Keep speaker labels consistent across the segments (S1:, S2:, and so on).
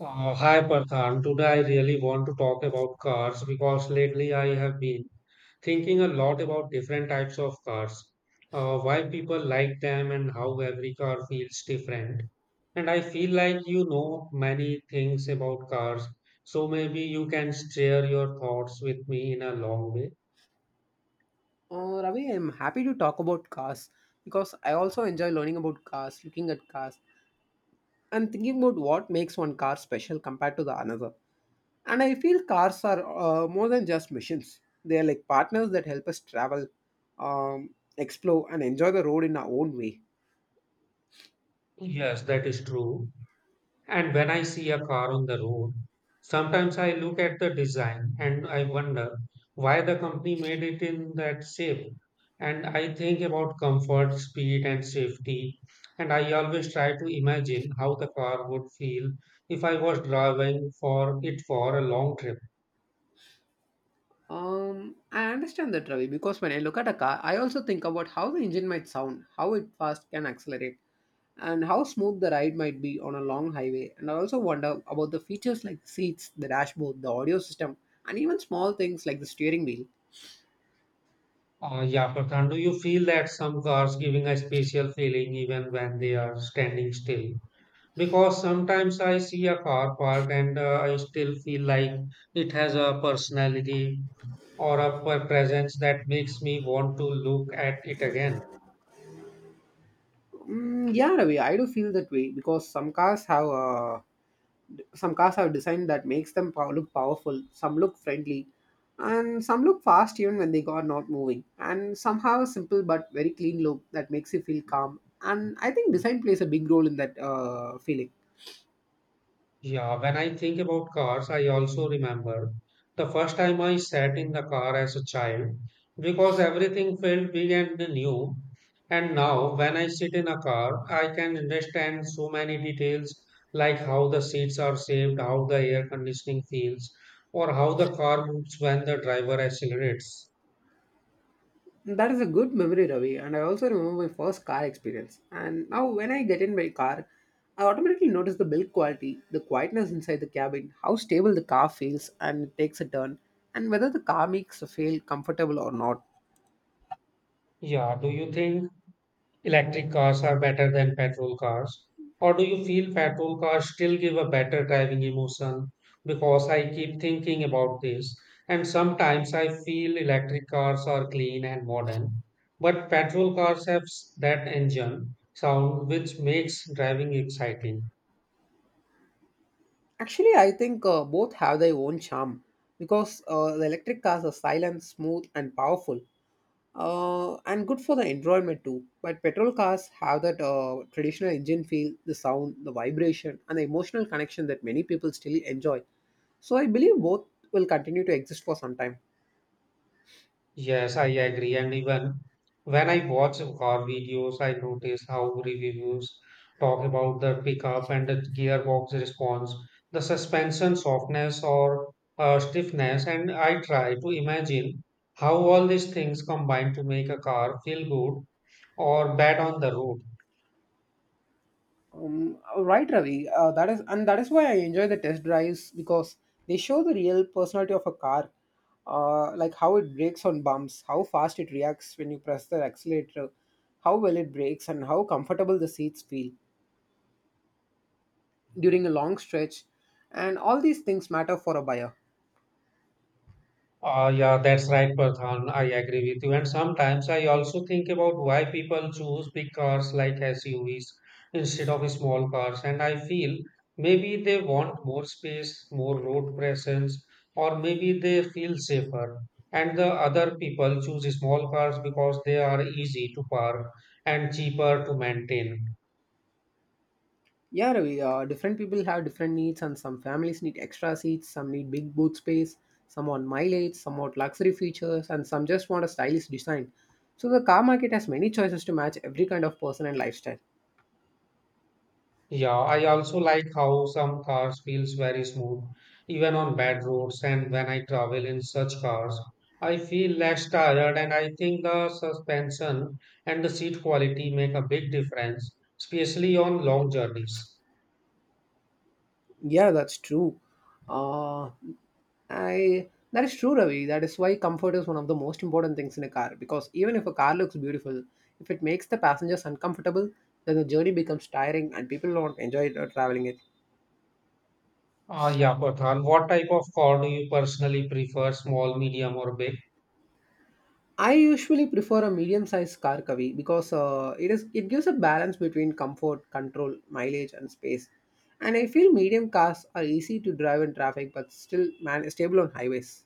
S1: Hi Parthan. Today I really want to talk about cars because lately I have been thinking a lot about different types of cars, why people like them, and how every car feels different. And I feel like you know many things about cars, so maybe you can share your thoughts with me in a long way.
S2: Ravi, I'm happy to talk about cars because I also enjoy learning about cars, looking at cars, and thinking about what makes one car special compared to the another. And I feel cars are more than just machines; they are like partners that help us travel, um, explore, and enjoy the road in our own way.
S1: Yes, that is true. And when I see a car on the road, sometimes I look at the design and I wonder why the company made it in that shape. And I think about comfort, speed, and safety. And I always try to imagine how the car would feel if I was driving for it for a long trip.
S2: I understand that, Ravi, because when I look at a car, I also think about how the engine might sound, how it fast can accelerate, and how smooth the ride might be on a long highway. And I also wonder about the features like the seats, the dashboard, the audio system, and even small things like the steering wheel.
S1: Yeah, Prathan, do you feel that some cars giving a special feeling even when they are standing still? Because sometimes I see a car parked and I still feel like it has a personality or a presence that makes me want to look at it again.
S2: Mm, yeah, Ravi, I do feel that way because some cars have design that makes them look powerful, some look friendly, and some look fast even when they are not moving, and some have a simple but very clean look that makes you feel calm. And I think design plays a big role in that feeling.
S1: Yeah, when I think about cars, I also remember the first time I sat in the car as a child because everything felt big and new. And now, when I sit in a car, I can understand so many details like how the seats are shaped, how the air conditioning feels, or how the car moves when the driver accelerates.
S2: That is a good memory, Ravi, and I also remember my first car experience. And now when I get in my car, I automatically notice the build quality, the quietness inside the cabin, how stable the car feels and it takes a turn, and whether the car makes a feel comfortable or not.
S1: Yeah, do you think electric cars are better than petrol cars? Or do you feel petrol cars still give a better driving emotion? Because I keep thinking about this, and sometimes I feel electric cars are clean and modern, but petrol cars have that engine sound which makes driving exciting.
S2: Actually, I think both have their own charm because the electric cars are silent, smooth, and powerful, and good for the environment too. But petrol cars have that traditional engine feel, the sound, the vibration, and the emotional connection that many people still enjoy. So I believe both will continue to exist for some time.
S1: Yes, I agree. And even when I watch car videos, I notice how reviews talk about the pickup and the gearbox response, the suspension softness or stiffness. And I try to imagine how all these things combine to make a car feel good or bad on the road.
S2: Right, Ravi. And that is why I enjoy the test drives because they show the real personality of a car, like how it brakes on bumps, how fast it reacts when you press the accelerator, how well it brakes, and how comfortable the seats feel during a long stretch. And all these things matter for a buyer.
S1: Yeah, that's right, Pradhan. I agree with you. And sometimes I also think about why people choose big cars like SUVs instead of small cars. And I feel maybe they want more space, more road presence, or maybe they feel safer. And the other people choose small cars because they are easy to park and cheaper to maintain.
S2: Yeah, Ravi, different people have different needs, and some families need extra seats, some need big boot space, some want mileage, some want luxury features, and some just want a stylish design. So the car market has many choices to match every kind of person and lifestyle.
S1: Yeah, I also like how some cars feels very smooth, even on bad roads. And when I travel in such cars, I feel less tired. And I think the suspension and the seat quality make a big difference, especially on long journeys.
S2: Yeah, that's true. Uh, I that is true, Ravi. That is why comfort is one of the most important things in a car, because even if a car looks beautiful, if it makes the passengers uncomfortable, then the journey becomes tiring and people don't enjoy traveling it.
S1: Yeah, Pradhan, what type of car do you personally prefer, small, medium, or big?
S2: I usually prefer a medium-sized car, Kavi, because it gives a balance between comfort, control, mileage, and space. And I feel medium cars are easy to drive in traffic, but still man stable on highways.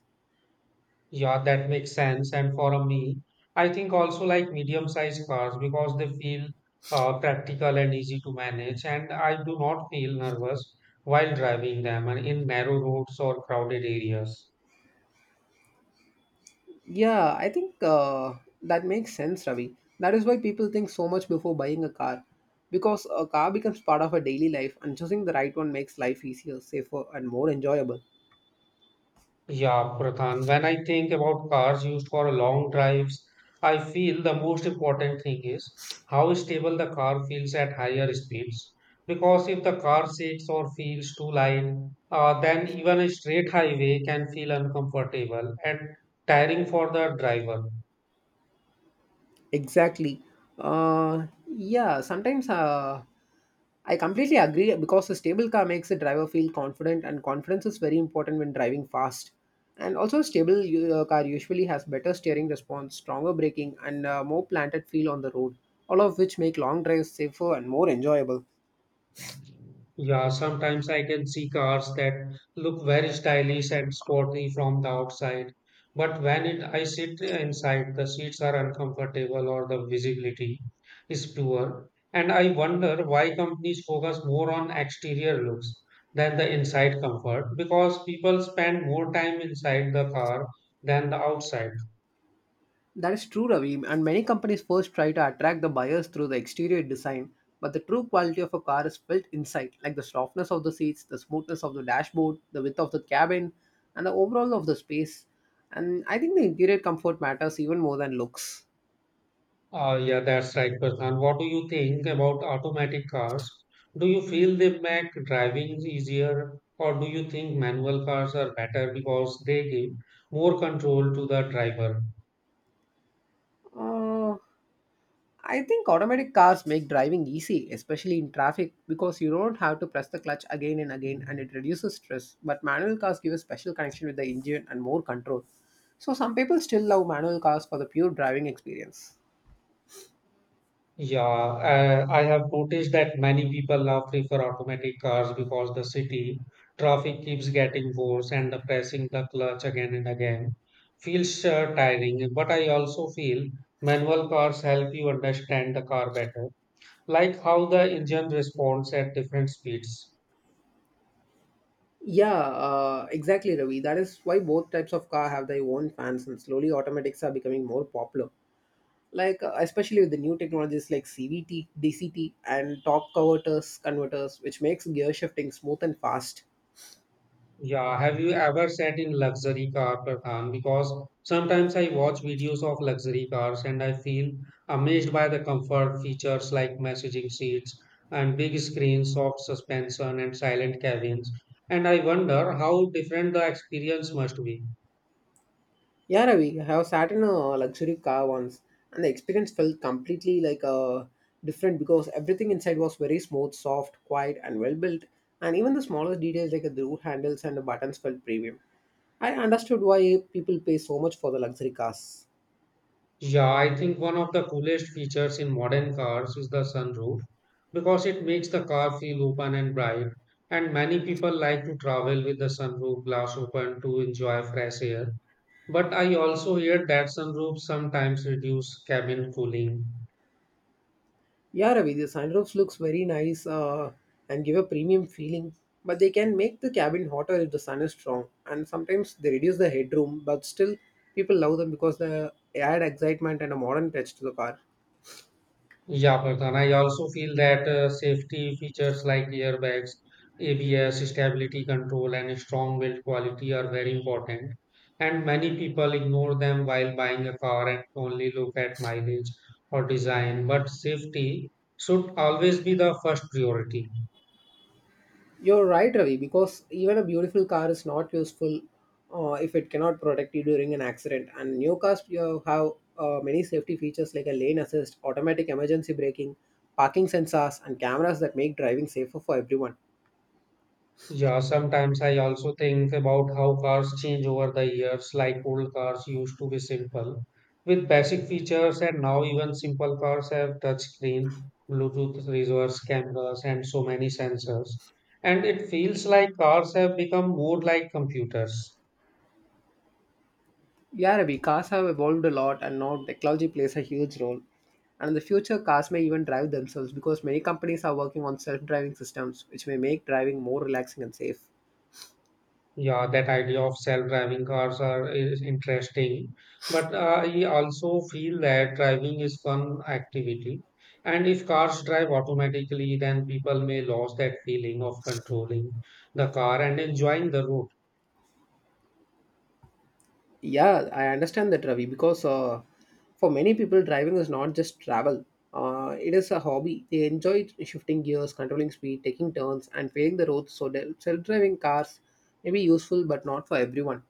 S1: Yeah, that makes sense. And for a meal, I think also like medium-sized cars because they feel practical and easy to manage. And I do not feel nervous while driving them and in narrow roads or crowded areas.
S2: Yeah, I think that makes sense, Ravi. That is why people think so much before buying a car, because a car becomes part of a daily life, and choosing the right one makes life easier, safer, and more enjoyable.
S1: Yeah, Prathan, when I think about cars used for long drives, I feel the most important thing is how stable the car feels at higher speeds. Because if the car shakes or feels too light, then even a straight highway can feel uncomfortable and tiring for the driver.
S2: Exactly. Yeah, sometimes I completely agree because a stable car makes the driver feel confident, and confidence is very important when driving fast. And also, a stable car usually has better steering response, stronger braking, and more planted feel on the road, all of which make long drives safer and more enjoyable.
S1: Yeah, sometimes I can see cars that look very stylish and sporty from the outside, but I sit inside, the seats are uncomfortable or the visibility is poor. And I wonder why companies focus more on exterior looks than the inside comfort because people spend more time inside the car than the outside.
S2: That is true, Ravi, and many companies first try to attract the buyers through the exterior design, but the true quality of a car is built inside, like the softness of the seats, the smoothness of the dashboard, the width of the cabin, and the overall of the space. And I think the interior comfort matters even more than looks.
S1: Yeah, that's right, Prashant. What do you think about automatic cars? Do you feel they make driving easier, or do you think manual cars are better because they give more control to the driver?
S2: Uh, I think automatic cars make driving easy, especially in traffic, because you don't have to press the clutch again and again and it reduces stress. But manual cars give a special connection with the engine and more control. So some people still love manual cars for the pure driving experience.
S1: Yeah, I have noticed that many people now prefer automatic cars because the city traffic keeps getting worse and the pressing the clutch again and again feels tiring. But I also feel manual cars help you understand the car better like how the engine responds at different speeds.
S2: Yeah, exactly, Ravi. That is why both types of car have their own fans, and slowly automatics are becoming more popular. Like especially with the new technologies like CVT, DCT, and torque converters, which makes gear shifting smooth and fast.
S1: Yeah, have you ever sat in luxury car, Pradhan? Because sometimes I watch videos of luxury cars and I feel amazed by the comfort features like messaging seats and big screens, soft suspension, and silent cabins. And I wonder how different the experience must be.
S2: Yeah, Ravi, I have sat in a luxury car once, and the experience felt completely like different, because everything inside was very smooth, soft, quiet, and well built. And even the smallest details like the door handles and the buttons felt premium. I understood why people pay so much for the luxury cars.
S1: Yeah, I think one of the coolest features in modern cars is the sunroof because it makes the car feel open and bright. And many people like to travel with the sunroof glass open to enjoy fresh air. But I also hear that sunroofs sometimes reduce cabin cooling.
S2: Yeah, Ravi, the sunroofs looks very nice and give a premium feeling, but they can make the cabin hotter if the sun is strong. And sometimes they reduce the headroom, but still people love them because they add excitement and a modern touch to the car.
S1: Yeah, Pradhan. I also feel that safety features like airbags, ABS, stability control, and strong build quality are very important. And many people ignore them while buying a car and only look at mileage or design. But safety should always be the first priority.
S2: You're right, Ravi, because even a beautiful car is not useful if it cannot protect you during an accident. And new cars you have many safety features like a lane assist, automatic emergency braking, parking sensors, and cameras that make driving safer for everyone.
S1: Yeah, sometimes I also think about how cars change over the years. Like old cars used to be simple with basic features, and now even simple cars have touchscreen, Bluetooth reverse cameras, and so many sensors. And it feels like cars have become more like computers.
S2: Yeah, Ravi, cars have evolved a lot, and now technology plays a huge role. And in the future, cars may even drive themselves, because many companies are working on self driving systems, which may make driving more relaxing and safe.
S1: Yeah, that idea of self-driving cars are is interesting, but I also feel that driving is fun activity. And if cars drive automatically, then people may lose that feeling of controlling the car and enjoying the road.
S2: Yeah, I understand that, Ravi, because for many people, driving is not just travel. It is a hobby. They enjoy shifting gears, controlling speed, taking turns, and playing the roads. So, the self-driving cars may be useful, but not for everyone.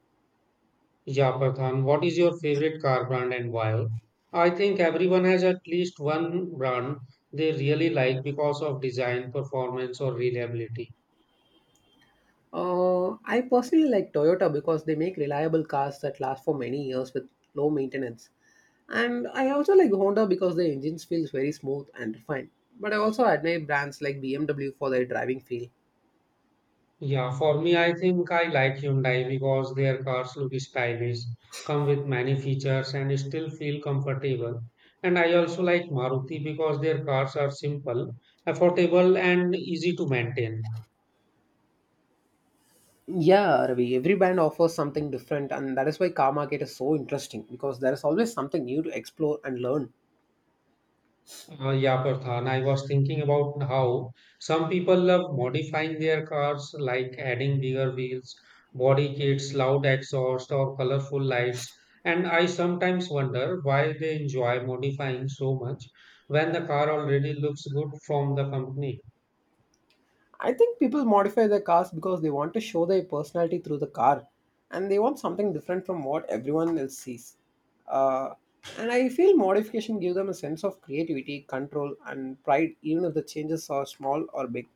S1: Yeah, Pradhan, what is your favorite car brand and why? I think everyone has at least one brand they really like because of design, performance, or reliability.
S2: I personally like Toyota because they make reliable cars that last for many years with low maintenance. And I also like Honda because their engines feels very smooth and refined. But I also admire brands like BMW for their driving feel.
S1: Yeah, for me, I think I like Hyundai because their cars look stylish, come with many features, and still feel comfortable. And I also like Maruti because their cars are simple, affordable, and easy to maintain.
S2: Yeah, Ravi, every band offers something different, and that is why car market is so interesting, because there is always something new to explore and learn.
S1: Yeah, Pradhan, I was thinking about how some people love modifying their cars, like adding bigger wheels, body kits, loud exhaust, or colorful lights. And I sometimes wonder why they enjoy modifying so much when the car already looks good from the company.
S2: I think people modify their cars because they want to show their personality through the car and they want something different from what everyone else sees. Uh, and I feel modification gives them a sense of creativity, control, and pride, even if the changes are small or big.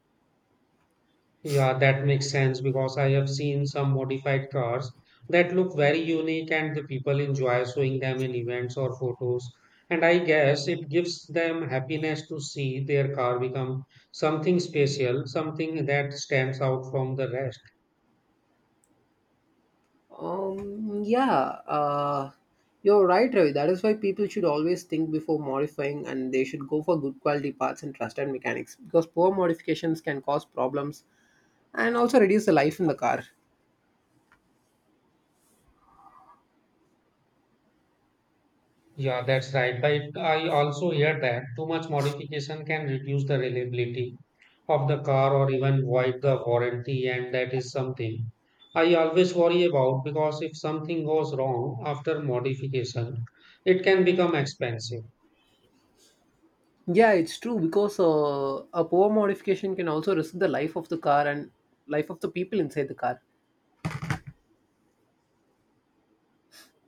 S1: Yeah, that makes sense because I have seen some modified cars that look very unique and the people enjoy showing them in events or photos. And I guess it gives them happiness to see their car become something special, something that stands out from the rest.
S2: Um, yeah, uh, you're right, Ravi. That is why people should always think before modifying and they should go for good quality parts and trusted mechanics, because poor modifications can cause problems and also reduce the life in the car.
S1: Yeah, that's right. But I also hear that too much modification can reduce the reliability of the car or even void the warranty, and that is something I always worry about because if something goes wrong after modification, it can become expensive.
S2: Yeah, it's true because a poor modification can also risk the life of the car and life of the people inside the car.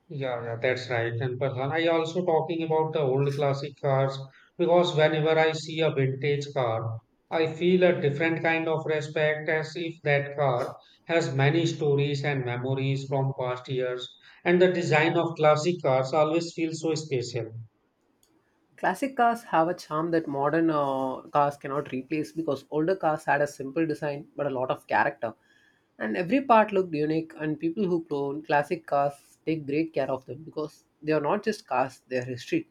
S1: Yeah, that's right. And but I also talking about the old classic cars because whenever I see a vintage car, I feel a different kind of respect as if that car has many stories and memories from past years. And the design of classic cars always feels so special.
S2: Classic cars have a charm that modern cars cannot replace because older cars had a simple design but a lot of character. And every part looked unique, and people who clone classic cars take great care of them because they are not just cars, they are history.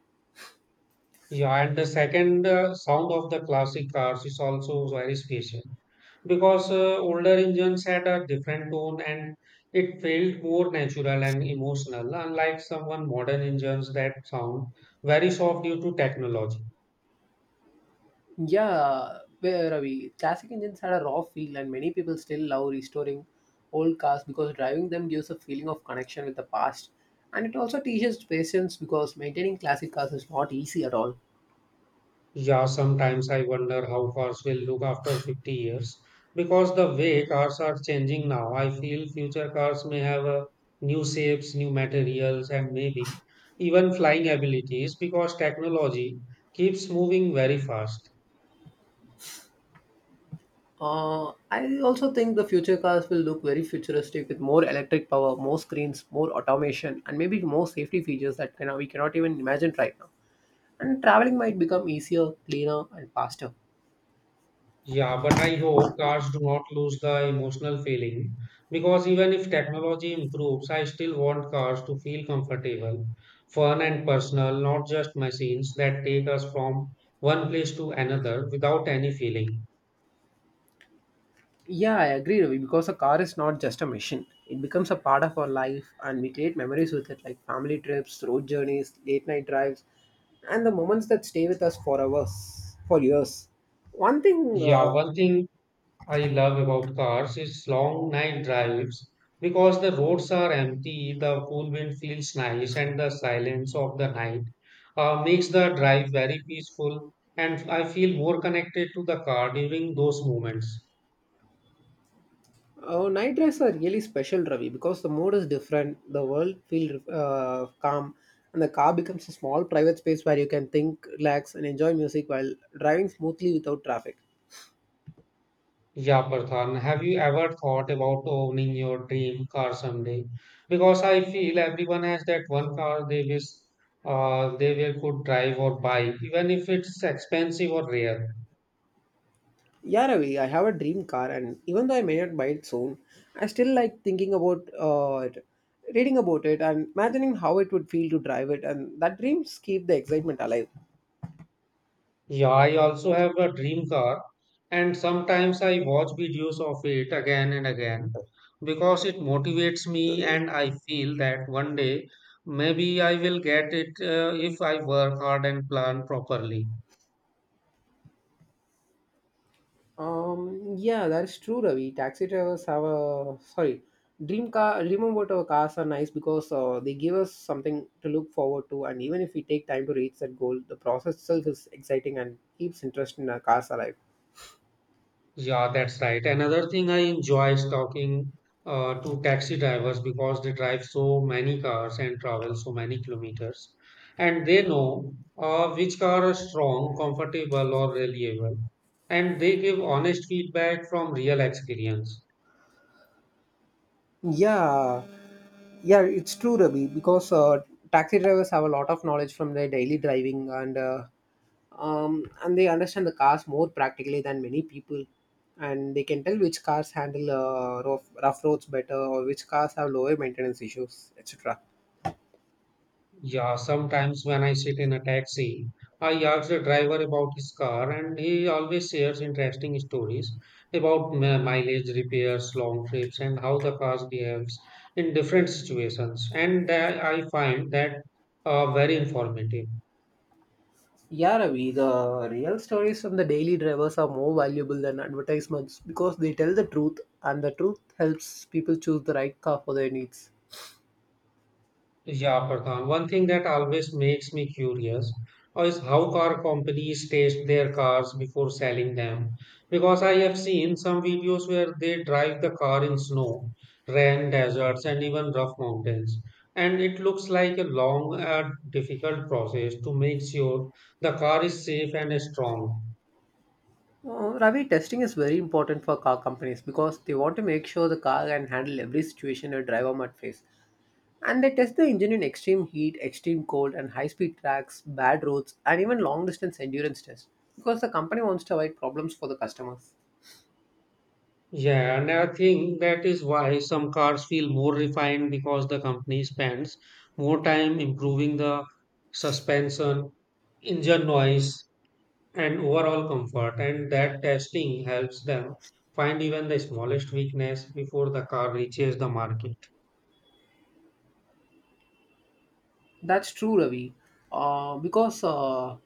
S1: Yeah, and the second sound of the classic cars is also very special because older engines had a different tone and it felt more natural and emotional, unlike some one modern engines that sound very soft due to technology.
S2: Yeah, where are we? Classic engines had a raw feel, and many people still love restoring old cars because driving them gives a feeling of connection with the past. And it also teaches patience because maintaining classic cars is not easy at all.
S1: Yeah, sometimes I wonder how cars will look after 50 years because the way cars are changing now, I feel future cars may have new shapes, new materials, and maybe even flying abilities because technology keeps moving very fast.
S2: I also think the future cars will look very futuristic with more electric power, more screens, more automation, and maybe more safety features that can, we cannot even imagine right now. And traveling might become easier, cleaner, and faster.
S1: Yeah, but I hope cars do not lose the emotional feeling because even if technology improves, I still want cars to feel comfortable, fun, and personal, not just machines that take us from one place to another without any feeling.
S2: Yeah, I agree, Ravi, because a car is not just a machine. It becomes a part of our life, and we create memories with it, like family trips, road journeys, late night drives, and the moments that stay with us for hours, for years. One thing
S1: Yeah, one thing I love about cars is long night drives because the roads are empty, the cool wind feels nice, and the silence of the night makes the drive very peaceful. And I feel more connected to the car during those moments.
S2: Oh, night drives are really special, Ravi, because the mood is different. The world feels calm, and the car becomes a small private space where you can think, relax, and enjoy music while driving smoothly without traffic.
S1: Yeah, Prathan, have you ever thought about owning your dream car someday? Because I feel everyone has that one car they wish they will could drive or buy, even if it's expensive or rare.
S2: Yeah, Ravi, I have a dream car, and even though I may not buy it soon, I still like thinking about it, reading about it, and imagining how it would feel to drive it, and that dreams keep the excitement alive.
S1: Yeah, I also have a dream car, and sometimes I watch videos of it again and again because it motivates me, and I feel that one day maybe I will get it if I work hard and plan properly.
S2: Yeah, that's true, Ravi. Taxi drivers have a sorry, Dream car. Dream about our cars are nice because they give us something to look forward to, and even if we take time to reach that goal, the process itself is exciting and keeps interest in our cars alive.
S1: Yeah, that's right. Another thing I enjoy is talking to taxi drivers because they drive so many cars and travel so many kilometers, and they know which car are strong, comfortable, or reliable, and they give honest feedback from real experience.
S2: Yeah, yeah, it's true, Ravi, because taxi drivers have a lot of knowledge from their daily driving and they understand the cars more practically than many people, and they can tell which cars handle rough roads better, or which cars have lower maintenance issues, etc.
S1: Yeah, sometimes when I sit in a taxi, I ask the driver about his car, and he always shares interesting stories about mileage repairs, long trips, and how the car behaves in different situations. And I find that very informative.
S2: Yeah, Ravi, the real stories from the daily drivers are more valuable than advertisements because they tell the truth, and the truth helps people choose the right car for their needs.
S1: Yeah, Pradhan. One thing that always makes me curious is how car companies test their cars before selling them. Because I have seen some videos where they drive the car in snow, rain, deserts, and even rough mountains. And it looks like a long and difficult process to make sure the car is safe and strong.
S2: Ravi, testing is very important for car companies because they want to make sure the car can handle every situation a driver might face. And they test the engine in extreme heat, extreme cold, and high speed tracks, bad roads, and even long distance endurance tests because the company wants to avoid problems for the customers.
S1: Yeah, and I think that is why some cars feel more refined because the company spends more time improving the suspension, engine noise, and overall comfort. And that testing helps them find even the smallest weakness before the car reaches the market.
S2: That's true, Ravi. Because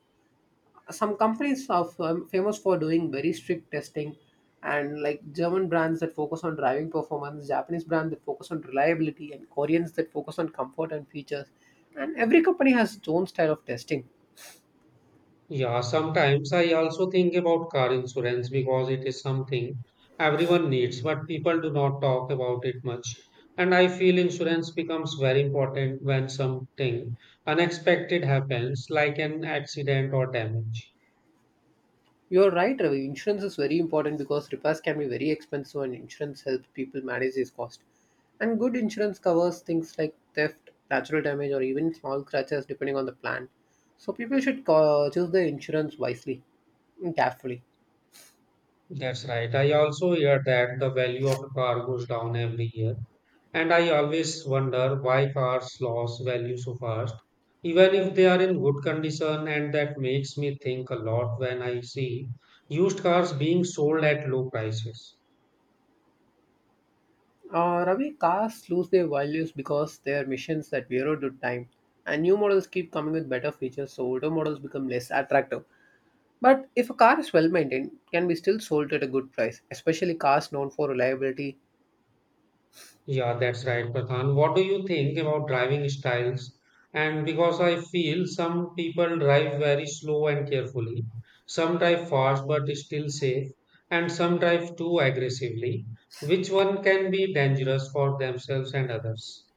S2: some companies are famous for doing very strict testing, and like German brands that focus on driving performance, Japanese brands that focus on reliability, and Koreans that focus on comfort and features. And every company has its own style of testing.
S1: Yeah, sometimes I also think about car insurance because it is something everyone needs, but people do not talk about it much. And I feel insurance becomes very important when something unexpected happens, like an accident or damage.
S2: You're right, Ravi. Insurance is very important because repairs can be very expensive, and insurance helps people manage these costs. And good insurance covers things like theft, natural damage, or even small scratches depending on the plan, so people should choose the insurance wisely and carefully.
S1: That's right. I also hear that the value of a car goes down every year, and I always wonder why cars lose value so fast, even if they are in good condition, and that makes me think a lot when I see used cars being sold at low prices.
S2: Ravi, cars lose their values because their missions that wear out with time, and new models keep coming with better features, so older models become less attractive. But if a car is well maintained, it can be still sold at a good price, especially cars known for reliability.
S1: Yeah, that's right, Pradhan. What do you think about driving styles? And because I feel some people drive very slow and carefully, some drive fast but still safe, and some drive too aggressively, which one can be dangerous for themselves and others?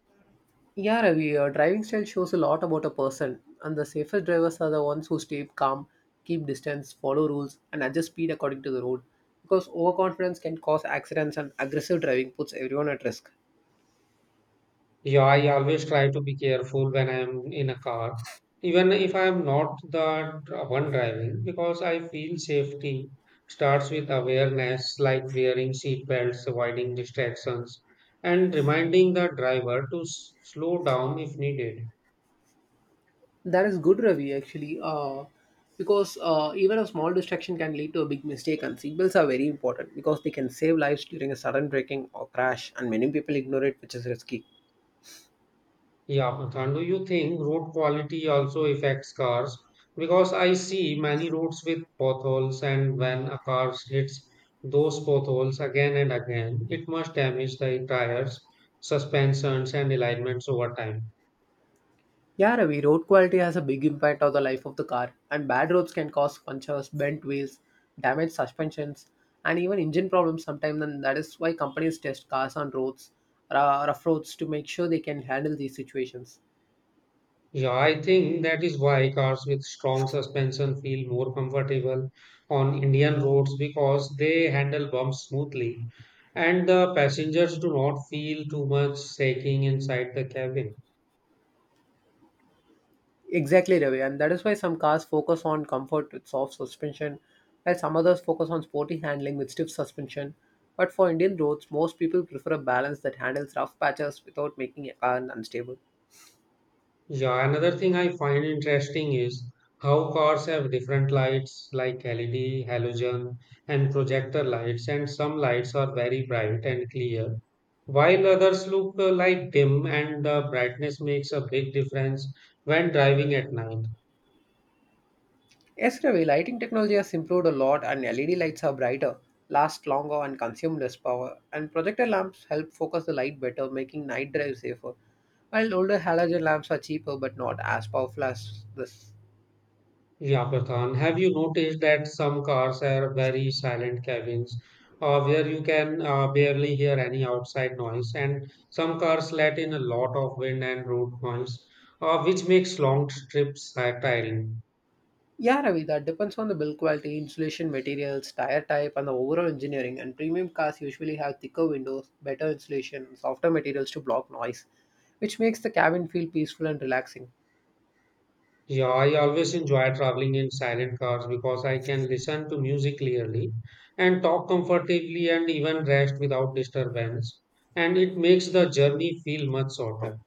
S2: Yeah, Ravi, driving style shows a lot about a person, and the safest drivers are the ones who stay calm, keep distance, follow rules, and adjust speed according to the road. Because overconfidence can cause accidents, and aggressive driving puts everyone at risk.
S1: Yeah, I always try to be careful when I am in a car, even if I am not the one driving, because I feel safety starts with awareness, like wearing seat belts, avoiding distractions, and reminding the driver to slow down if needed.
S2: That is good, Ravi, actually, because even a small distraction can lead to a big mistake, and seatbelts are very important because they can save lives during a sudden braking or crash, and many people ignore it, which is risky.
S1: Yeah, Bhutan, do you think road quality also affects cars? Because I see many roads with potholes, and when a car hits those potholes again and again, it must damage the tires, suspensions, and alignments over time.
S2: Yeah, Ravi, road quality has a big impact on the life of the car, and bad roads can cause punctures, bent wheels, damaged suspensions, and even engine problems sometimes, and that is why companies test cars on roads, rough roads, to make sure they can handle these situations.
S1: Yeah, I think that is why cars with strong suspension feel more comfortable on Indian roads because they handle bumps smoothly, and the passengers do not feel too much shaking inside the cabin.
S2: Exactly, Ravi, and that is why some cars focus on comfort with soft suspension, while some others focus on sporty handling with stiff suspension. But for Indian roads, most people prefer a balance that handles rough patches without making a car unstable.
S1: Yeah, another thing I find interesting is how cars have different lights like LED, halogen, and projector lights, and some lights are very bright and clear, while others look like dim, and the brightness makes a big difference when driving at night.
S2: Yes, Ravi, lighting technology has improved a lot, and LED lights are brighter, last longer, and consume less power. And projector lamps help focus the light better, making night drives safer. While older halogen lamps are cheaper but not as powerful as this.
S1: Yeah, Pradhan, have you noticed that some cars have very silent cabins where you can barely hear any outside noise, and some cars let in a lot of wind and road noise, which makes long trips tiring.
S2: Yeah, Ravi, that depends on the build quality, insulation materials, tire type, and the overall engineering. And premium cars usually have thicker windows, better insulation, and softer materials to block noise, which makes the cabin feel peaceful and relaxing.
S1: Yeah, I always enjoy traveling in silent cars because I can listen to music clearly and talk comfortably and even rest without disturbance, and it makes the journey feel much shorter.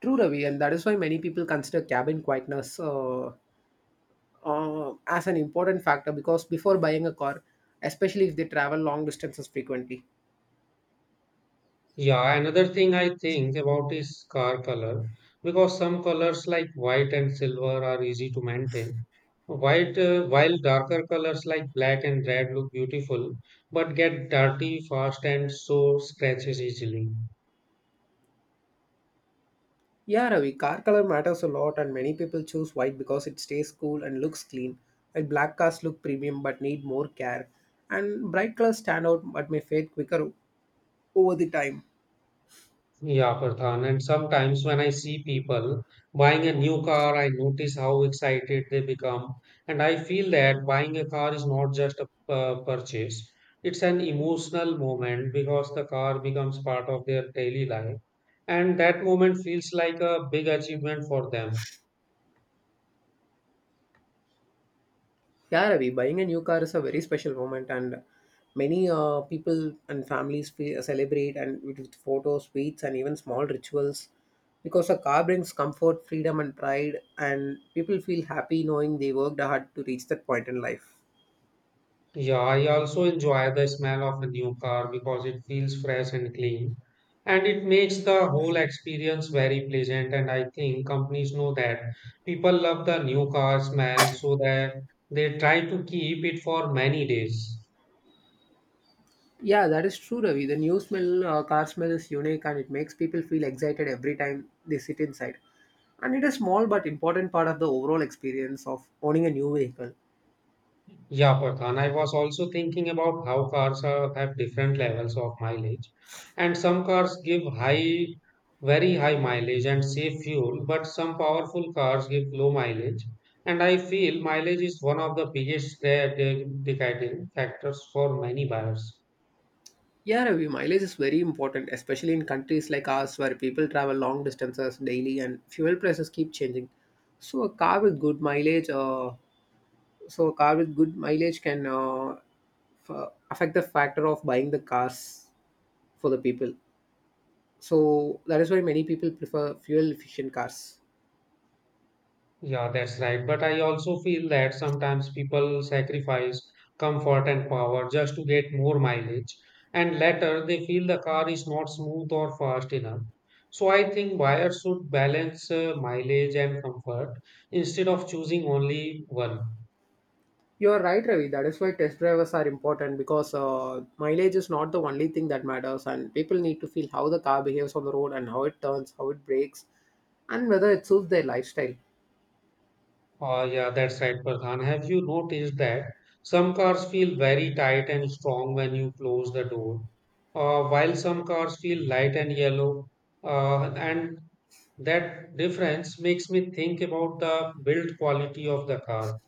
S2: True, Ravi, and that is why many people consider cabin quietness as an important factor because before buying a car, especially if they travel long distances frequently.
S1: Yeah, another thing I think about is car color because some colors like white and silver are easy to maintain. White, while darker colors like black and red look beautiful but get dirty fast and so scratches easily.
S2: Yeah, Ravi, car color matters a lot, and many people choose white because it stays cool and looks clean, while black cars look premium but need more care. And bright colors stand out but may fade quicker over the time.
S1: Yeah, Pradhan. And sometimes when I see people buying a new car, I notice how excited they become. And I feel that buying a car is not just a purchase, it's an emotional moment because the car becomes part of their daily life. And that moment feels like a big achievement for them.
S2: Yeah, Ravi, buying a new car is a very special moment, and many people and families celebrate and with photos, sweets, and even small rituals because a car brings comfort, freedom, and pride, and people feel happy knowing they worked hard to reach that point in life.
S1: Yeah, I also enjoy the smell of a new car because it feels fresh and clean, and it makes the whole experience very pleasant. And I think companies know that people love the new car smell, so that they try to keep it for many days.
S2: Yeah, that is true, Ravi. The new smell, car smell is unique, and it makes people feel excited every time they sit inside. And it is small but important part of the overall experience of owning a new vehicle.
S1: Yeah, Farhan, I was also thinking about how cars are, have different levels of mileage. And some cars give high, very high mileage and save fuel, but some powerful cars give low mileage. And I feel mileage is one of the biggest deciding factors for many buyers.
S2: Yeah, Ravi, mileage is very important, especially in countries like ours where people travel long distances daily and fuel prices keep changing. So a car with good mileage, so a car with good mileage can affect the factor of buying the cars for the people. So that is why many people prefer fuel efficient cars.
S1: Yeah, that's right. But I also feel that sometimes people sacrifice comfort and power just to get more mileage, and later they feel the car is not smooth or fast enough. So I think buyers should balance mileage and comfort instead of choosing only one.
S2: You are right, Ravi. That is why test drivers are important because mileage is not the only thing that matters, and people need to feel how the car behaves on the road and how it turns, how it brakes, and whether it suits their lifestyle.
S1: Oh, yeah, that's right, Farhan. Have you noticed that some cars feel very tight and strong when you close the door, while some cars feel light and yellow? And that difference makes me think about the build quality of the car.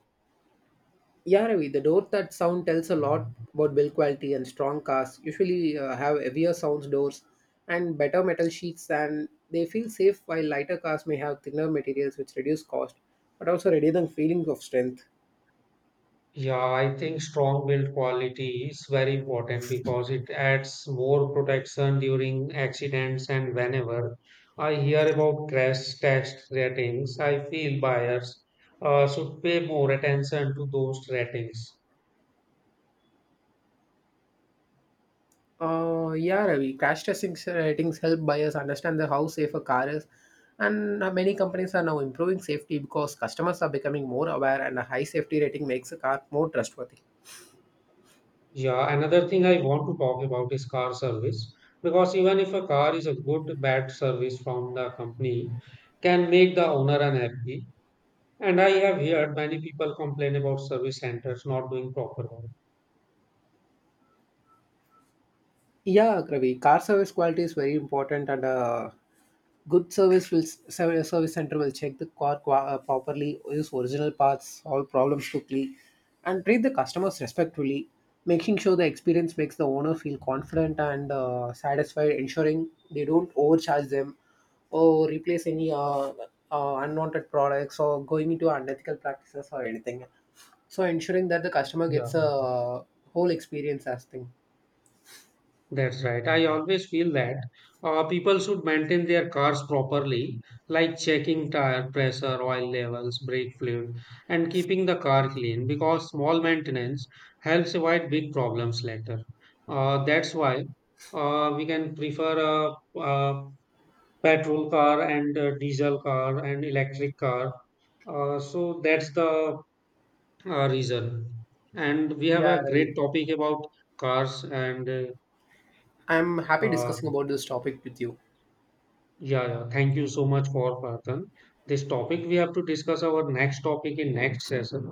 S2: Yeah, Ravi. The door that sound tells a lot about build quality, and strong cars usually have heavier sounds doors and better metal sheets, and they feel safe. While lighter cars may have thinner materials, which reduce cost, but also reduce the feeling of strength.
S1: Yeah, I think strong build quality is very important because it adds more protection during accidents and whenever I hear about crash test ratings, I feel buyers should pay more attention to those ratings.
S2: Yeah, Ravi. Crash testing ratings help buyers understand the how safe a car is, and many companies are now improving safety because customers are becoming more aware, and a high safety rating makes a car more trustworthy.
S1: Yeah, another thing I want to talk about is car service because even if a car is a good bad service from the company can make the owner unhappy. And I have heard many people complain about service centers not doing proper work.
S2: Yeah, Kravi, car service quality is very important, and good service will service center will check the car properly, use original parts, all problems quickly, and treat the customers respectfully, making sure the experience makes the owner feel confident and satisfied, ensuring they don't overcharge them or replace any unwanted products, or going into unethical practices or anything. So ensuring that the customer
S1: Yeah.
S2: gets a whole experience as thing.
S1: That's right. I always feel that people should maintain their cars properly, like checking tire pressure, oil levels, brake fluid, and keeping the car clean because small maintenance helps avoid big problems later. That's why we can prefer a petrol car and a diesel car and electric car. So that's the reason. And we have
S2: Yeah,
S1: a great
S2: Ravi.
S1: topic about cars and
S2: I'm happy
S1: uh,
S2: discussing about this topic with you.
S1: yeah, yeah. Thank you so much for Prathan. This topic we have to discuss our next topic in next session.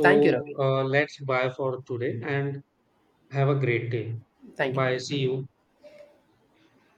S2: Thank you, Ravi.
S1: uh, let's bye for today and have a great day.
S2: Thank you.
S1: Bye. See you.